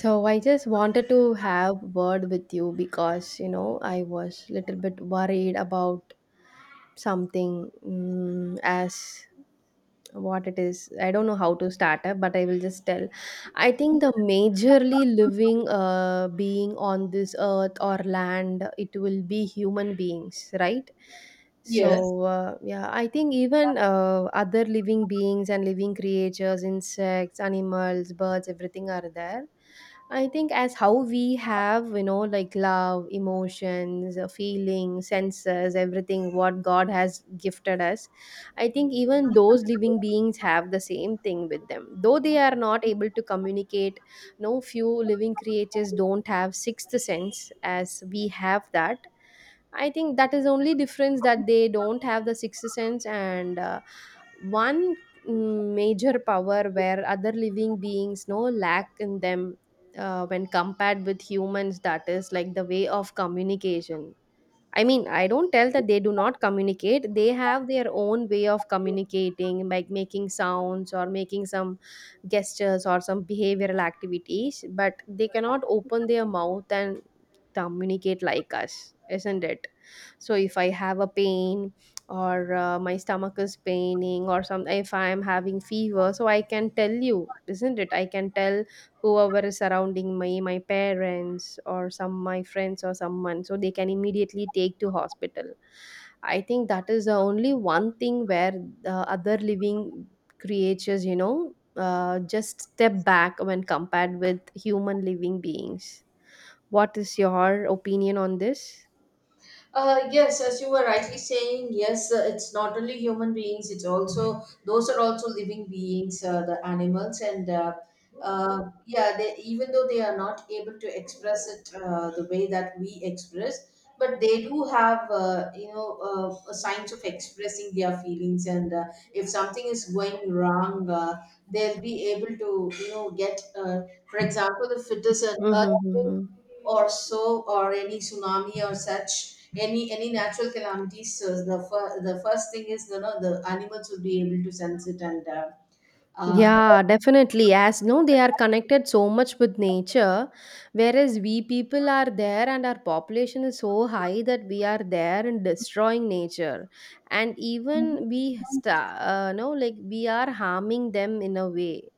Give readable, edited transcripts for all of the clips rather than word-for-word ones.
So I just wanted to have word with you because you know I was little bit worried about something as what it is. I don't know how to start up, but I will just tell. I think the majorly living being on this earth or land, it will be human beings, right? So Yes. Yeah, I think even other living beings and living creatures, insects, animals, birds, everything are there. I think as how we have, like love, emotions, feelings, senses, everything what God has gifted us. I think even those living beings have the same thing with them. Though they are not able to communicate, no, few living creatures don't have sixth sense as we have that. I think that is only difference that they don't have the sixth sense, and one major power where other living beings no lack in them, when compared with humans, that is like the way of communication. I mean, I don't tell that they do not communicate. They have their own way of communicating, like making sounds or making some gestures or some behavioral activities, but they cannot open their mouth and communicate like us, isn't it? So, if I have a pain or my stomach is paining or some, if I am having fever, so I can tell you, isn't it? I can tell whoever is surrounding me, my parents or some, my friends or someone, so they can immediately take to hospital. I think that is the only one thing where the other living creatures, just step back when compared with human living beings. What is your opinion on this? Yes, as you were rightly saying, yes, it's not only human beings, it's also, those are also living beings, the animals. Even though they are not able to express it the way that we express, but they do have, signs of expressing their feelings. And If something is going wrong, they'll be able to, get, for example, if it is an earthquake Mm-hmm. or so, or any tsunami or such, any natural calamities. So the the first thing is, you know, the animals would be able to sense it. And uh, Yeah, definitely. As no, they are connected so much with nature, whereas we people are there and our population is so high that we are there and destroying nature, and even we sta no, like we are harming them in a way.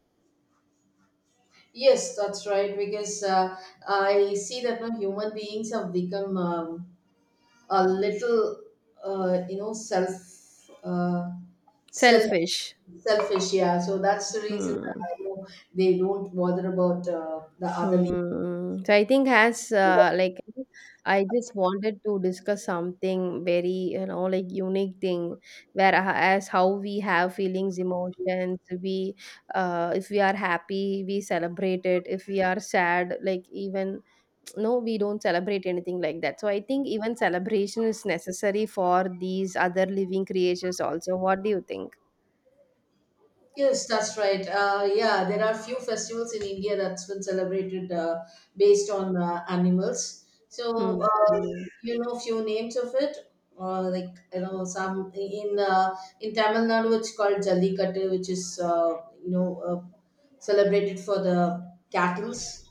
yes, that's right, because I see that now human beings have become a little uh, you know self uh, self Selfish. selfish, yeah. So that's the reason that Hmm. I know they don't bother about the other. Hmm. So I think as like I just wanted to discuss something very, like unique thing where, as how we have feelings, emotions, we, if we are happy, we celebrate it. If we are sad, like even no, we don't celebrate anything like that. So I think even celebration is necessary for these other living creatures also. What do you think? Yes, that's right. Yeah, there are few festivals in India that's been celebrated based on animals. Hmm. You know, few names of it, like you know, some in Tamil Nadu, it's called Jallikattu, which is you know uh, celebrated for the cattle's.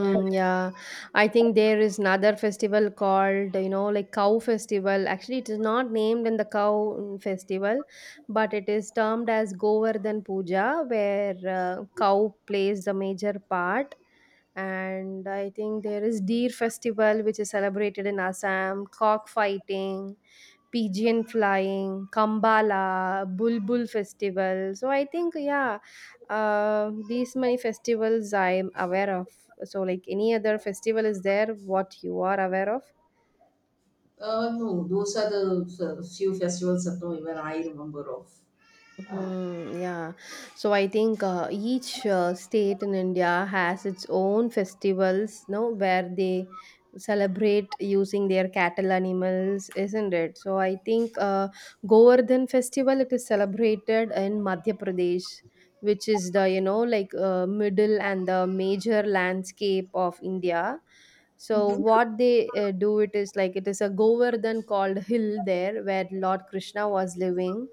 And yeah, I think there is another festival called, you know, like cow festival. Actually, it is not named in the cow festival, but it is termed as Govardhan Puja, where cow plays the major part. And I think there is deer festival, which is celebrated in Assam, cock fighting, pigeon flying, Kambala, Bulbul festival. So I think yeah, these many festivals I am aware of. So like any other festival is there what you are aware of? No, those are the few festivals that no, even I remember of. Uh, Hmm, yeah. So I think each state in India has its own festivals, no, where they celebrate using their cattle animals, isn't it? So I think Govardhan festival, it is celebrated in Madhya Pradesh, which is the, you know, like middle and the major landscape of India. So what they do, it is like it is a Govardhan called hill there where Lord Krishna was living,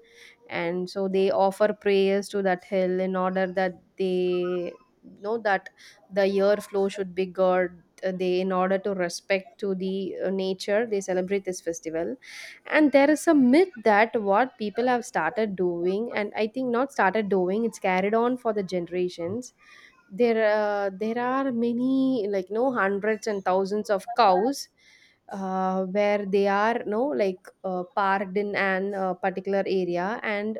and so they offer prayers to that hill in order that they know that the year flow should be good. They, in order to respect to the nature, they celebrate this festival. And there is a myth that what people have started doing, and I think not started doing, it's carried on for the generations. There are many, like no, hundreds and thousands of cows, where they are no, like parked in an particular area, and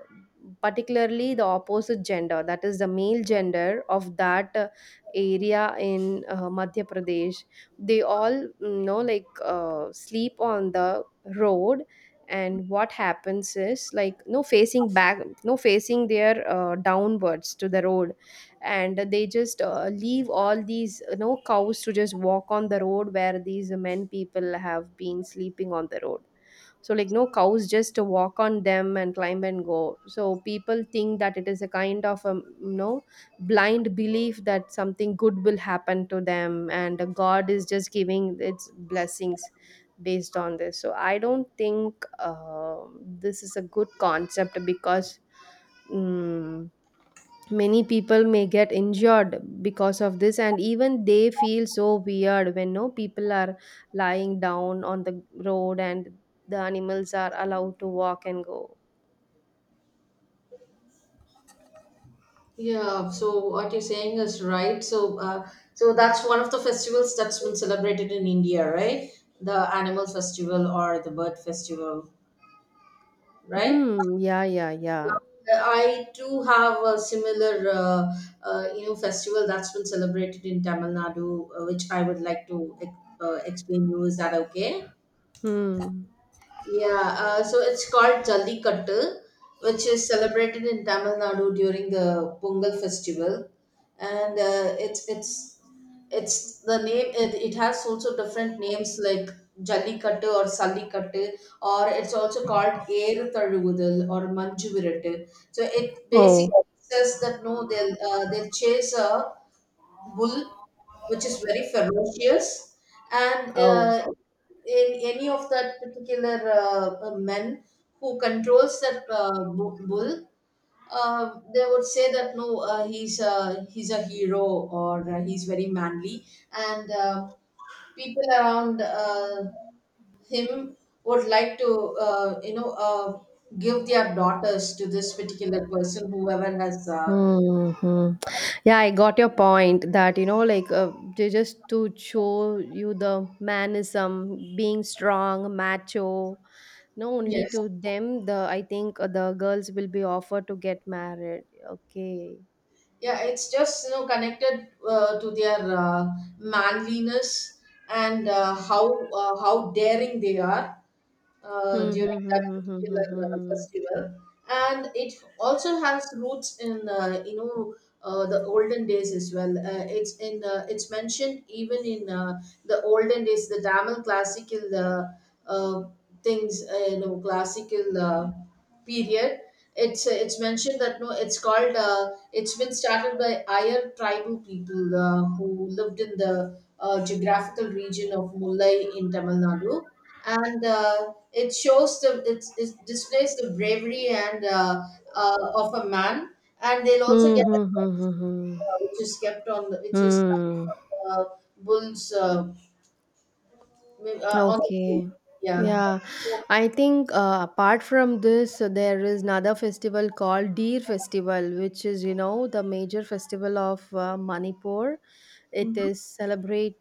particularly the opposite gender, that is the male gender of that area in Madhya Pradesh. They all, you know, like sleep on the road. And what happens is, like no, facing back, no, facing their downwards to the road. And they just leave all these, cows to just walk on the road where these men people have been sleeping on the road. So like no, cows just walk on them and climb and go. So people think that it is a kind of a, you know blind belief that something good will happen to them, and God is just giving its blessings based on this. So I don't think this is a good concept because mm many people may get injured because of this, and even they feel so weird when no, people are lying down on the road and the animals are allowed to walk and go. Yeah, so what you're saying is right. So so that's one of the festivals that's been celebrated in India, right? The animal festival or the bird festival, right? Hmm. Yeah. Yeah. Yeah. I do have a similar, festival that's been celebrated in Tamil Nadu, which I would like to explain you. Is that okay? Hmm. Yeah, so it's called Jallikattu, which is celebrated in Tamil Nadu during the Pongal festival, and it's the name. It has also different names like Jallikattu or Sallikattu, or it's also called Eru Tazhuvudal or Manju Virattu. So it Oh. basically says that no, they'll chase a bull, which is very ferocious, and Oh. In any of that particular men who controls that bull, they would say that no, he's a hero, or he's very manly, and people around him would like to give their daughters to this particular person, whoever has. Hmm. Yeah, I got your point that, you know, like they just to show you the manism, being strong, macho. No, only Yes. to them. The I think the girls will be offered to get married. Okay. Yeah, it's just, you know, connected to their manliness, and how daring they are Hmm. Hmm. during that Hmm. particular Hmm. Hmm. festival. And it also has roots in the olden days as well. It's mentioned even in the olden days, the Tamil classical uh, things, classical period. It's mentioned that no, it's called, it's been started by Ayer tribal people who lived in the geographical region of Mullai in Tamil Nadu, and it displays the bravery, and of a man. And they'll also Hmm. Hmm. get Hmm. a Hmm. Hmm. prize, Hmm. Hmm, hmm. Which is kept on the which is Hmm. uh, bulls on the, Okay. yeah. Yeah. So, I think, apart from this, there is another festival called Deer Festival, which is, you know, the major festival of Manipur. It mhm. is celebrated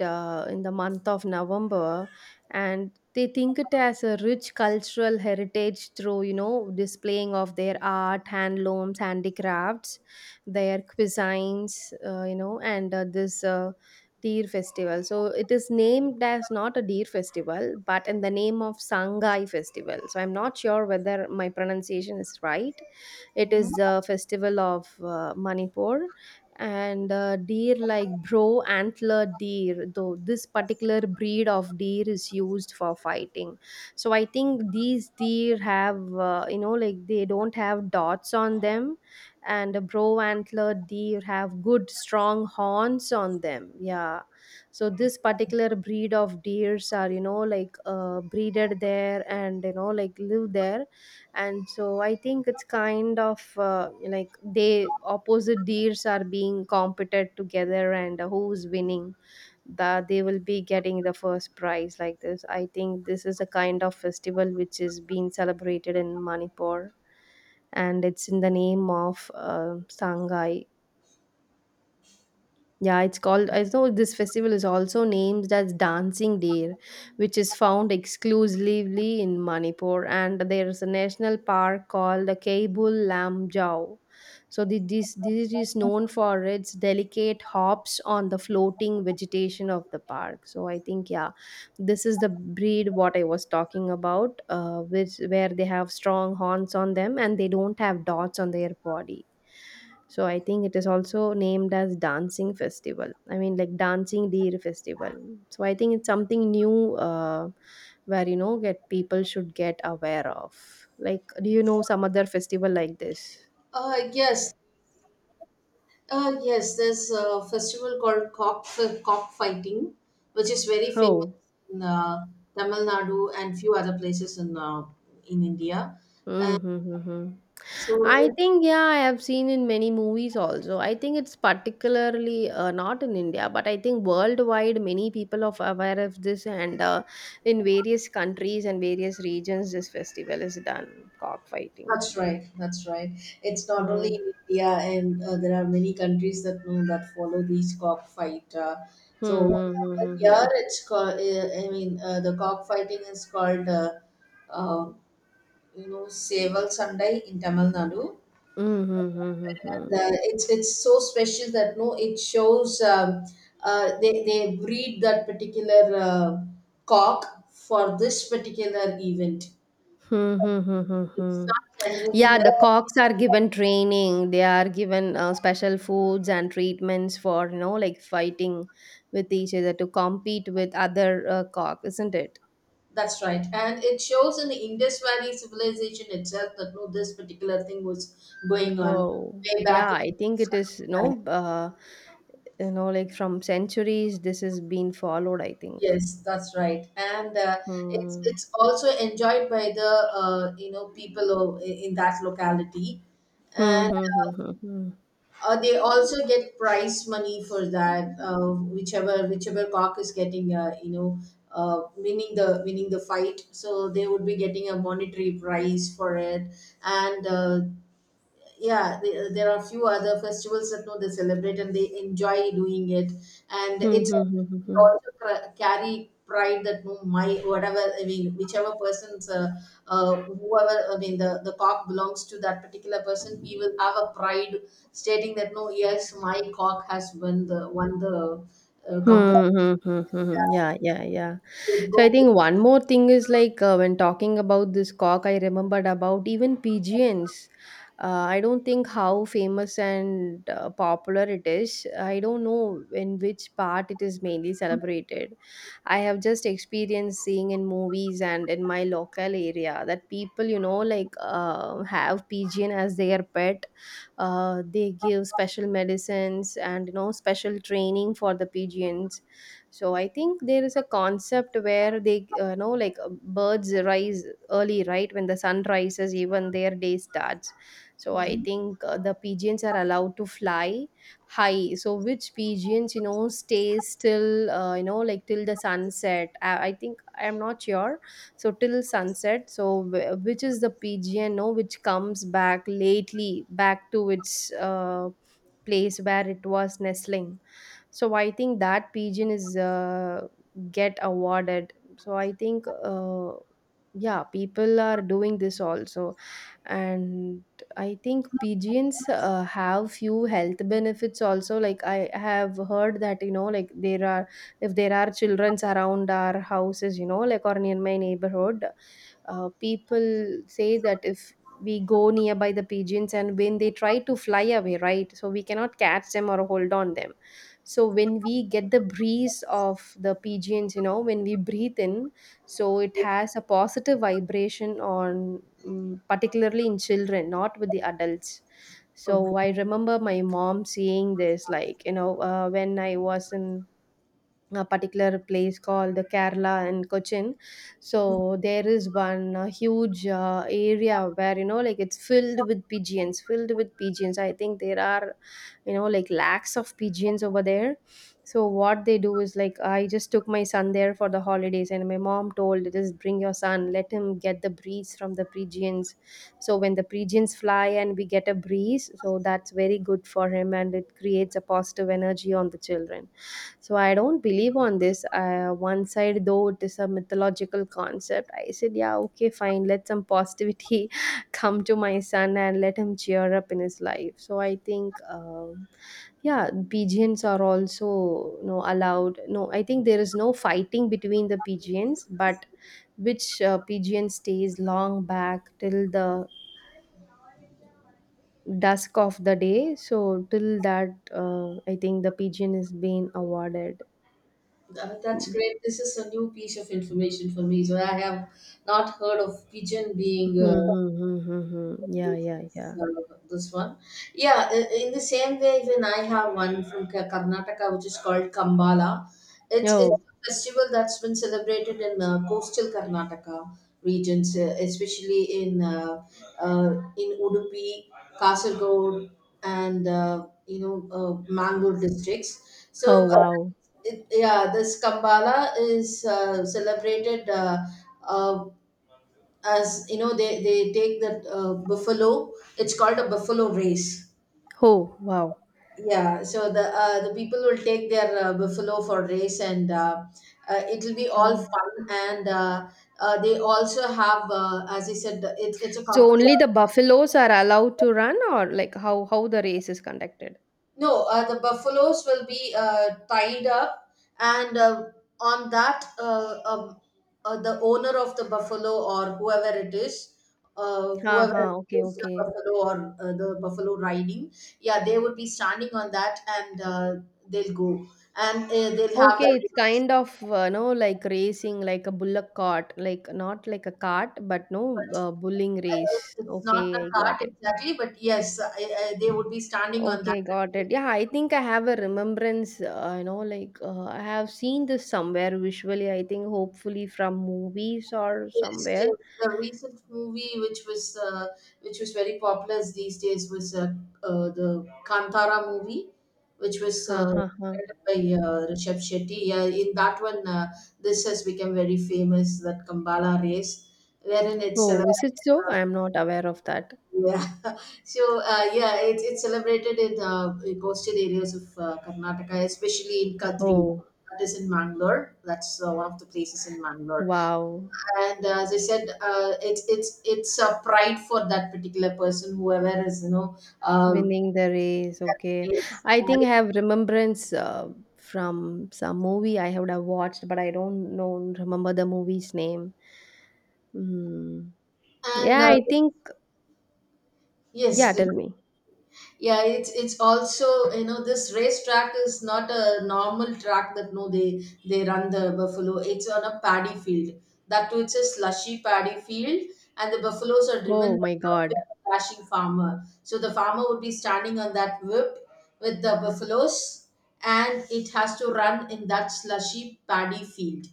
in the month of November, and they think it as a rich cultural heritage through, you know, displaying of their art, handlooms, handicrafts, their cuisines, you know, and this. Deer Festival. So it is named as not a deer festival, but in the name of Sangai Festival. So I'm not sure whether my pronunciation is right. It is Mhm. the festival of Manipur, and deer, like bro antler deer. Though this particular breed of deer is used for fighting, so I think these deer have, you know, like they don't have dots on them, and a brow antlered deer have good strong horns on them, yeah. So this particular breed of deers are, you know, like breeded there and, you know, like live there. And so I think it's kind of like they opposite deers are being competed together, and who's winning, that they will be getting the first prize. Like this, I think this is a kind of festival which is being celebrated in Manipur, and it's in the name of Sangai. Yeah, it's called, I know this festival is also named as Dancing Deer, which is found exclusively in Manipur. And there is a national park called the Kabul Lam. So, this is known for its delicate hops on the floating vegetation of the park. So, I think, yeah, this is the breed what I was talking about, which, where they have strong horns on them and they don't have dots on their body. So I think it is also named as dancing festival. I mean, like dancing deer festival. So I think it's something new, where, you know, get people should get aware of. Like, do you know some other festival like this? Uh, yes, yes, there's a festival called cock fighting, which is very famous Oh. in Tamil Nadu and few other places in India. Mm-hmm. I So think yeah, I have seen in many movies also. I think it's particularly not in India, but I think worldwide many people are aware of this, and in various countries and various regions, this festival is done, cockfighting. that's right, that's right. It's not only Hmm. in India, and there are many countries that know that follow these cockfight. Hmm, So hmm, hmm, hmm, here hmm. it's called. I mean, the cock fighting is called. Uh, you know, Seval Sunday in Tamil Nadu. Hmm, hmm, hmm, hmm, hmm. The, it's so special that no it shows they breed that particular cock for this particular event. Hmm, hmm, hmm, hmm, It's hmm. not generally Yeah, the cocks are given training. They are given special foods and treatments for, you know, like fighting with each other to compete with other cock, isn't it? that's right. And it shows in the Indus Valley civilization itself that no, this particular thing was going on Oh, way back yeah, I in. think it is, Right. You know, like from centuries, this has been followed, I think. Yes, that's right, and uh, it's Hmm. it's also enjoyed by the people in that locality, Hmm, and. hmm, hmm, hmm, hmm. They also get prize money for that. Whichever whichever cock is getting, winning the fight, so they would be getting a monetary prize for it. And yeah, there are a few other festivals that know they celebrate and they enjoy doing it. And Hmm, it's hmm, hmm, hmm, they hmm. also carry pride that no, my whatever, I mean, whichever person's whoever I mean the cock belongs to that particular person, he will have a pride stating that no, yes, my cock has won the competition. Hmm, hmm, hmm, hmm, hmm. Yeah, yeah, yeah. So I think one more thing is like when talking about this cock, I remembered about even pigeons. I don't think how famous and popular it is. I don't know in which part it is mainly celebrated. I have just experienced seeing in movies and in my local area that people, have pigeon as their pet, they give special medicines and special training for the pigeons. So I think there is a concept where they know, birds rise early, right? When the sun rises, even their day starts. So I Mhm. think the pigeons are allowed to fly high, so which pigeons stays till till the sunset. I think I'm not sure. So till sunset, so which is the pgno which comes back lately back to its place where it was nestling. So I think that pigeon is get awarded. So I think, uh, yeah, people are doing this also. And I think pigeons have few health benefits also. Like I have heard that there are, if there are childrens around our houses, or near my neighborhood, people say that if we go nearby the pigeons and when they try to fly away, right, so we cannot catch them or hold on them. So when we get the breeze of the pigeons, when we breathe in, so it has a positive vibration on, particularly in children, not with the adults. So I Okay. remember my mom saying this, when I was in a particular place called the Kerala and Cochin. So there is one huge area where it's filled with pigeons, filled with pigeons. I think there are, lakhs of pigeons over there. So what they do is, like, I just took my son there for the holidays and my mom told, just bring your son, let him get the breeze from the pigeons. So when the pigeons fly and we get a breeze, so that's very good for him and it creates a positive energy on the children. So I don't believe on this, one side, though it is a mythological concept. I said, yeah, okay, fine. Let some positivity come to my son and let him cheer up in his life. So I think, yeah, pigeons are also no allowed. No, I think there is no fighting between the pigeons, but which pigeon stays long back till the dusk of the day. So till that, I think the pigeon is being awarded. That- that's Hmm. great. This is a new piece of information for me. So I have not heard of pigeon being Hmm, hmm, hmm, hmm, hmm. Yeah, yeah, yeah. uh, this one. Yeah, in the same way, even I have one from Karnataka, which is called Kambala. It's Oh, a festival that's been celebrated in coastal Karnataka regions, especially uh, in Udupi, Kasargod, and you know uh, Mangalore districts. So. oh, Uh, wow. This Kambala is celebrated uh, as you know, they take that buffalo. It's called a buffalo race. Oh, wow. Yeah, so the people will take their buffalo for race, and it'll be all Hmm. fun, and they also have as I said, it's a So only competition. the buffaloes are allowed to run, or like how the race is conducted? No, the buffaloes will be tied up, and on that, the owner of the buffalo or whoever it is, Ha whoever ha. Okay, owns the okay, buffalo, or the buffalo riding, yeah, they would be standing on that, and they'll go, and they'll have okay. the It's race. kind of no like racing, like a bullock cart, like not like a cart, but no But bulling race. It's not the Okay, I cart got it. exactly, but yes, I, they would be standing on that. Okay, got it. Yeah, I think I have a remembrance. I have seen this somewhere visually. I think hopefully from movies or Yes, yes. somewhere. The recent movie which was very popular these days was the Kantara movie, which was Ha ha ha. directed by Rishabh Shetty. Yeah, in that one, this has become very famous. That Kambala race, wherein it's Oh, is it celebrated. so? I am not aware of that. Yeah, so yeah, it's celebrated in coastal areas of Karnataka, especially in Kadri. Oh, That is in Mangalore. That's one of the places in Mangalore. wow. And as I said, it's a pride for that particular person whoever is, you know, uh, Winning the race. that Okay. race. I think I have remembrance from some movie I would have watched, but I don't know remember the movie's name. Mm. And Yeah, I think. yes, Yeah, please. tell me. Yeah, it's also, you know, this race track is not a normal track that no, they run the buffalo. It's on a paddy field, that too it's a slushy paddy field. And the buffaloes are driven Oh by my a God. whip dashing farmer, so the farmer would be standing on that whip with the buffaloes, and it has to run in that slushy paddy field.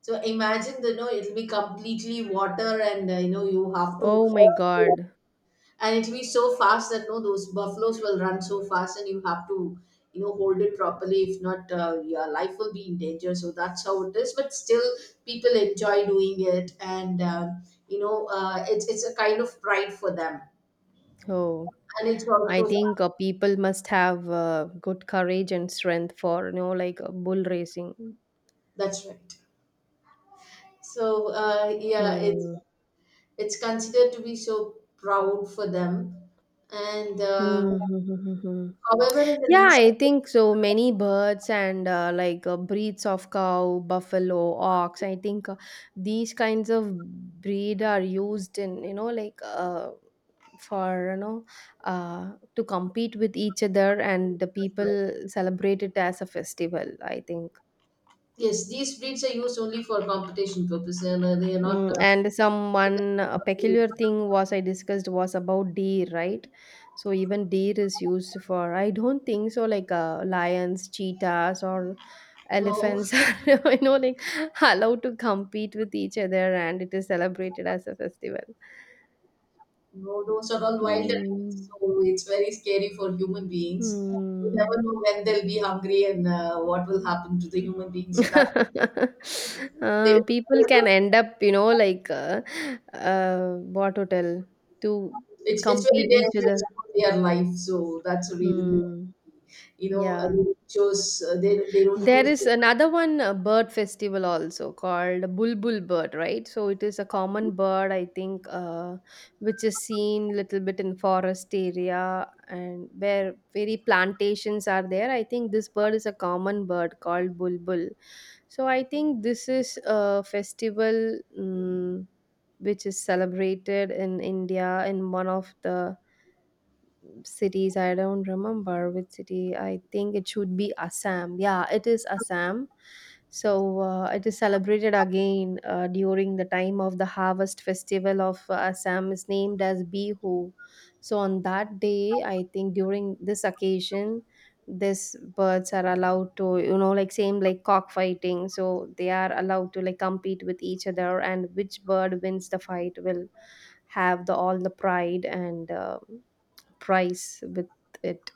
So imagine, the, you know, it'll be completely water, and you know, you have to. Oh my God. And it'll be so fast that no, those buffaloes will run so fast, and you have to, you know, hold it properly. If not, your life will be in danger. So that's how it is, but still people enjoy doing it, and you know, it's a kind of pride for them. Oh, And it's I also, think people must have good courage and strength for, bull racing. that's right. So yeah, Hmm. it's considered to be so proud for them. And Hmm, hmm, hmm, hmm, hmm. however in the Yeah, least. I think so. Many birds and breeds of cow, buffalo, ox. I think these kinds of breed are used in for to compete with each other, and the people celebrate it as a festival. I think. Yes, these breeds are used only for competition purposes, and they are not Mm, and some one peculiar thing was I discussed was about deer, right? So even deer is used for, I don't think so, like lions, cheetahs, or no, elephants are, you know like allowed to compete with each other, and it is celebrated as a festival. no, those are all wild animals, Hmm. so it's very scary for human beings. You never Hmm. know when they'll be hungry, and what will happen to the human beings. So that they, people can end up, what to tell to it's very compete each dangerous other. for their life. So that's the reason they, Hmm. you know, Yeah. they chose they don't There choose is to. another one bird festival also called Bulbul bird, right? So it is a common bird, I think, which is seen little bit in forest area and where very plantations are there. I think this bird is a common bird called Bulbul. So I think this is a festival, which is celebrated in India in one of the cities. I don't remember which city. I think it should be Assam. Yeah, it is Assam. So it is celebrated again during the time of the harvest festival of Assam, is named as Bihu. So on that day, I think during this occasion, these birds are allowed to, same like cockfighting, so they are allowed to like compete with each other, and which bird wins the fight will have the all the pride and price with it.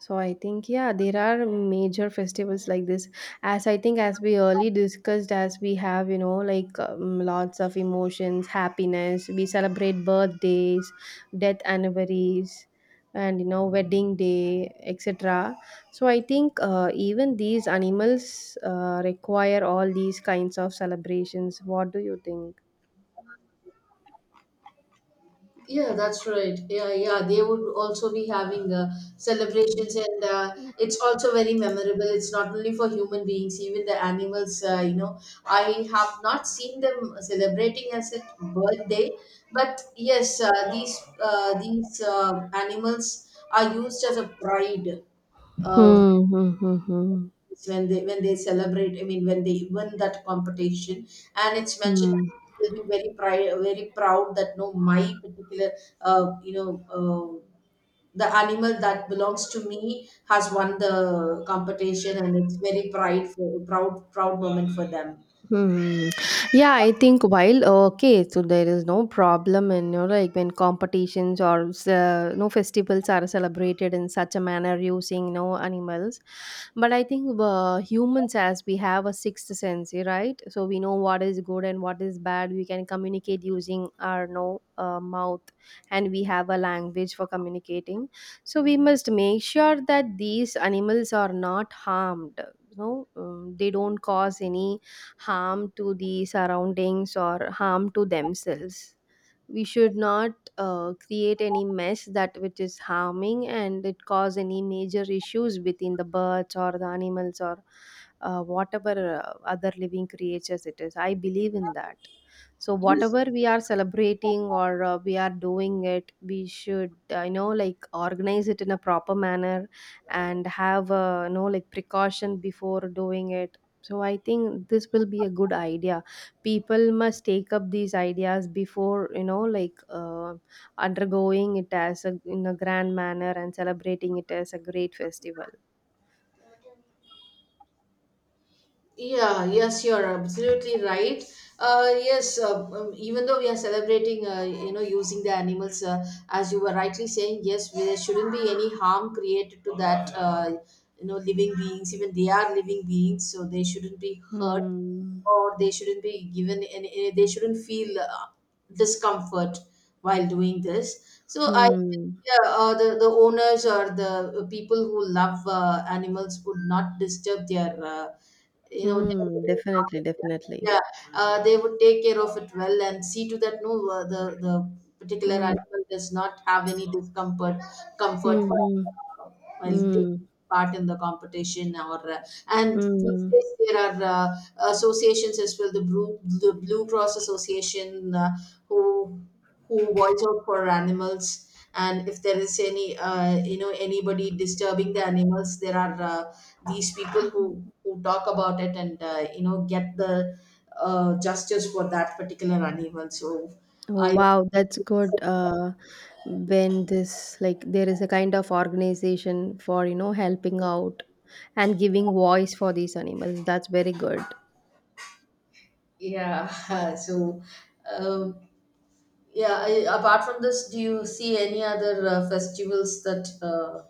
So I think, yeah, there are major festivals like this. As I think, as we early discussed, as we have lots of emotions, happiness. We celebrate birthdays, death anniversaries, and wedding day, etc. So I think even these animals require all these kinds of celebrations. What do you think? Yeah, that's right. Yeah, yeah, they would also be having celebrations, and it's also very memorable. It's not only for human beings, even the animals. You know, I have not seen them celebrating as a birthday, but yes, these animals are used as a pride. uh, Hmm. Hmm. Hmm. Hmm. it's when they celebrate, I mean, when they win that competition. And it's mentioned Hmm. that they'll be very very proud that no, my particular uh, you know uh, the animal that belongs to me has won the competition, and it's very prideful proud, proud moment for them. Hmm. Yeah, I think while okay, so there is no problem in when competitions or no festivals are celebrated in such a manner using no animals, but I think humans, as we have a sixth sense, eh, right? So we know what is good and what is bad. We can communicate using our no mouth, and we have a language for communicating. So we must make sure that these animals are not harmed. No, they don't cause any harm to the surroundings or harm to themselves. We should not create any mess that which is harming, and it cause any major issues within the birds or the animals or whatever other living creatures it is. I believe in that. So Yes. whatever we are celebrating or we are doing it, we should organize it in a proper manner and have precaution before doing it. So I think this will be a good idea. People must take up these ideas before undergoing it as a, in a grand manner and celebrating it as a great festival. Yeah, yes, you're absolutely right. Yes, Even though we are celebrating, using the animals, as you were rightly saying, yes, there shouldn't be any harm created to that, living beings. Even they are living beings, so they shouldn't be hurt, Hmm. or they shouldn't be given any, they shouldn't feel discomfort while doing this. So I, Hmm. yeah, the owners or the people who love animals would not disturb their. You know they were Hmm. giving Definitely, definitely. yeah they would take care of it well and see to that no the particular Mm. animal does not have any discomfort comfort Hmm. Mm-hmm. While taking Mm, part in the competition or and these mm. days there are associations as well, the blue cross association, who who watch out for animals, and if there is any you know anybody disturbing the animals, there are these people who talk about it and you know get the justice for that particular animal. so Oh, i wow, that's good. When this, like, there is a kind of organization for, helping out and giving voice for these animals. That's very good. yeah. Um, yeah, I, apart from this, do you see any other festivals that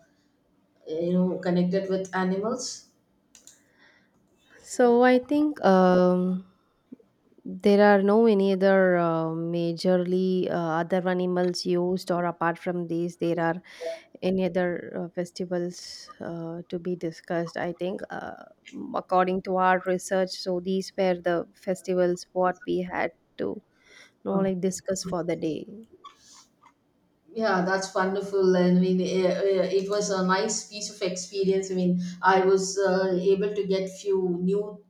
you know connected with animals? So I think, there are no any other majorly other animals used, or apart from these, there are any other festivals to be discussed. I think according to our research, so these were the festivals what we had to know Oh. like discuss for the day. Yeah, that's wonderful. I mean, it was a nice piece of experience. I mean, I was able to get few new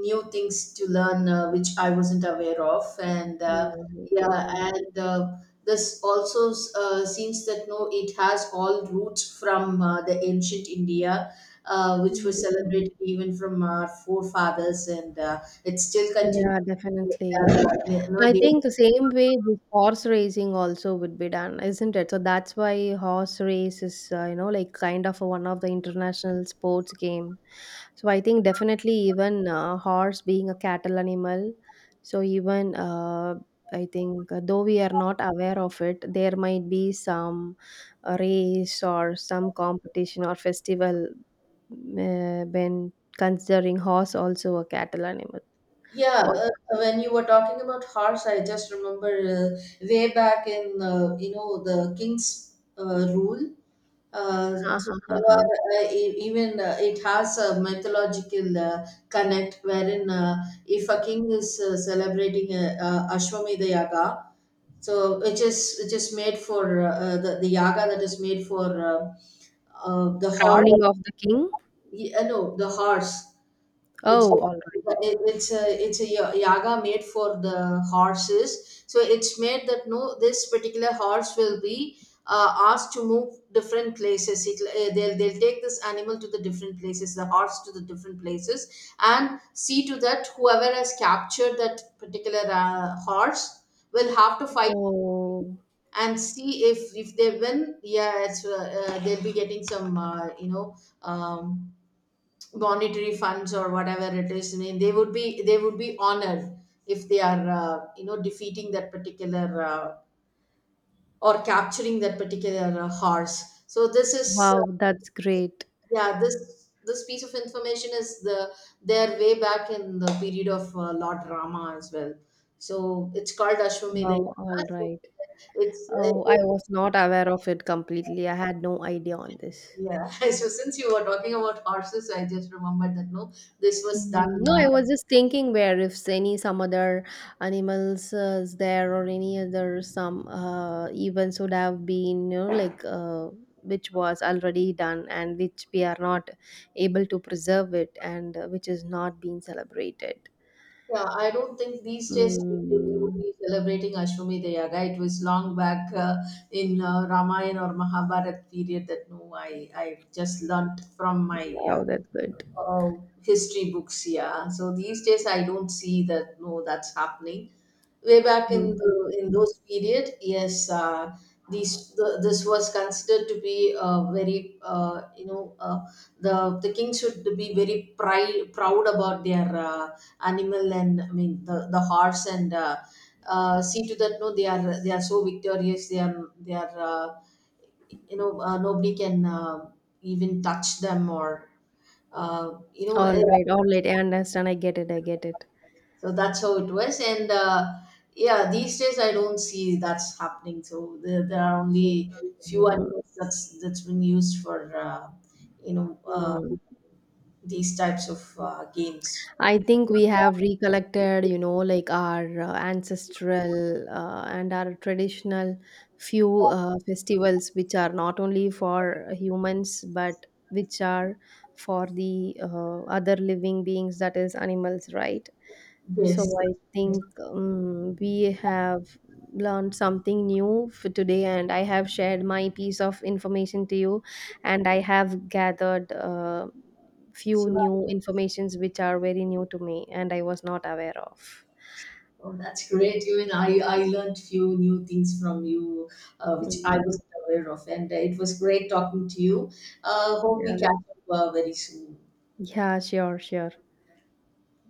new things to learn which I wasn't aware of, and Mhm, yeah, mhm. and this also seems that no, it has all roots from the ancient India, which was Mm. celebrated even from our forefathers, and it still Yeah, continues, definitely. yeah, you know, I they. think the same way this horse racing also would be done, isn't it? So that's why horse race is, kind of a, one of the international sports game. So I think definitely even horse being a cattle animal. So even I think though we are not aware of it, there might be some race or some competition or festival when considering horse also a cattle animal. Yeah, What? When you were talking about horse, I just remember way back in you know, the king's rule. Ha, So ha, ha, there ha. are, even it has a mythological connect, wherein if a king is celebrating a, Ashwamedha Yaga, so which is made for the Yaga, that is made for the horse. Crowning of the king. Yeah, no, the horse. It's Oh, all right. it, it's a it's a ya- yaga made for the horses. So it's made that no, this particular horse will be asked to move different places. They'll take this animal to the different places, the horse to the different places, and see to that whoever has captured that particular horse will have to fight, Oh, and see if they win. Yeah, it's, they'll be getting some you know. Um, Monetary funds, or whatever it is, I they would be honored if they are you know defeating that particular or capturing that particular horse. So this is wow, that's great. yeah, this piece of information is the their way back in the period of Lord Rama as well, so it's called Ashwamedha Wow, Yaga. all So right. it's Oh, I was not aware of it completely. I had no idea on this. yeah. Since you were talking about horses, I just remembered that no, this was done. Mhm. No, I was just thinking where if any some other animals is there or any other some events would have been, which was already done and which we are not able to preserve it and which is not being celebrated. Yeah, I don't think these days we would Mm, be celebrating Ashwamedha Yaga. It was long back, in Ramayana or Mahabharata period, that no, I just learnt from my uh, wow, that's good. uh, history books. Yeah. So these days I don't see that. No, that's happening. Way back in the, in Mhm. those period, yes, these the, this was considered to be very you know the king should be very pride, proud about their animal, and I mean the horse and. See to that no, they are so victorious, they are you know nobody can even touch them or you know All right, all right. I understand. I get it. I get it. so that's how it was, and yeah, these days I don't see that's happening, so there are only few Mhm. animals that's been used for you know Mm. these types of games. I think we have recollected, our ancestral and our traditional few festivals, which are not only for humans but which are for the other living beings, that is animals, right? So Yes. I think, we have learned something new for today, and I have shared my piece of information to you, and I have gathered few So, new informations which are very new to me, and I was not aware of. oh, that's great. Even I learned few new things from you, which I Mm, wasn't aware of, and it was great talking to you. Hope we yeah. catch up very soon. Yeah. Sure. Sure.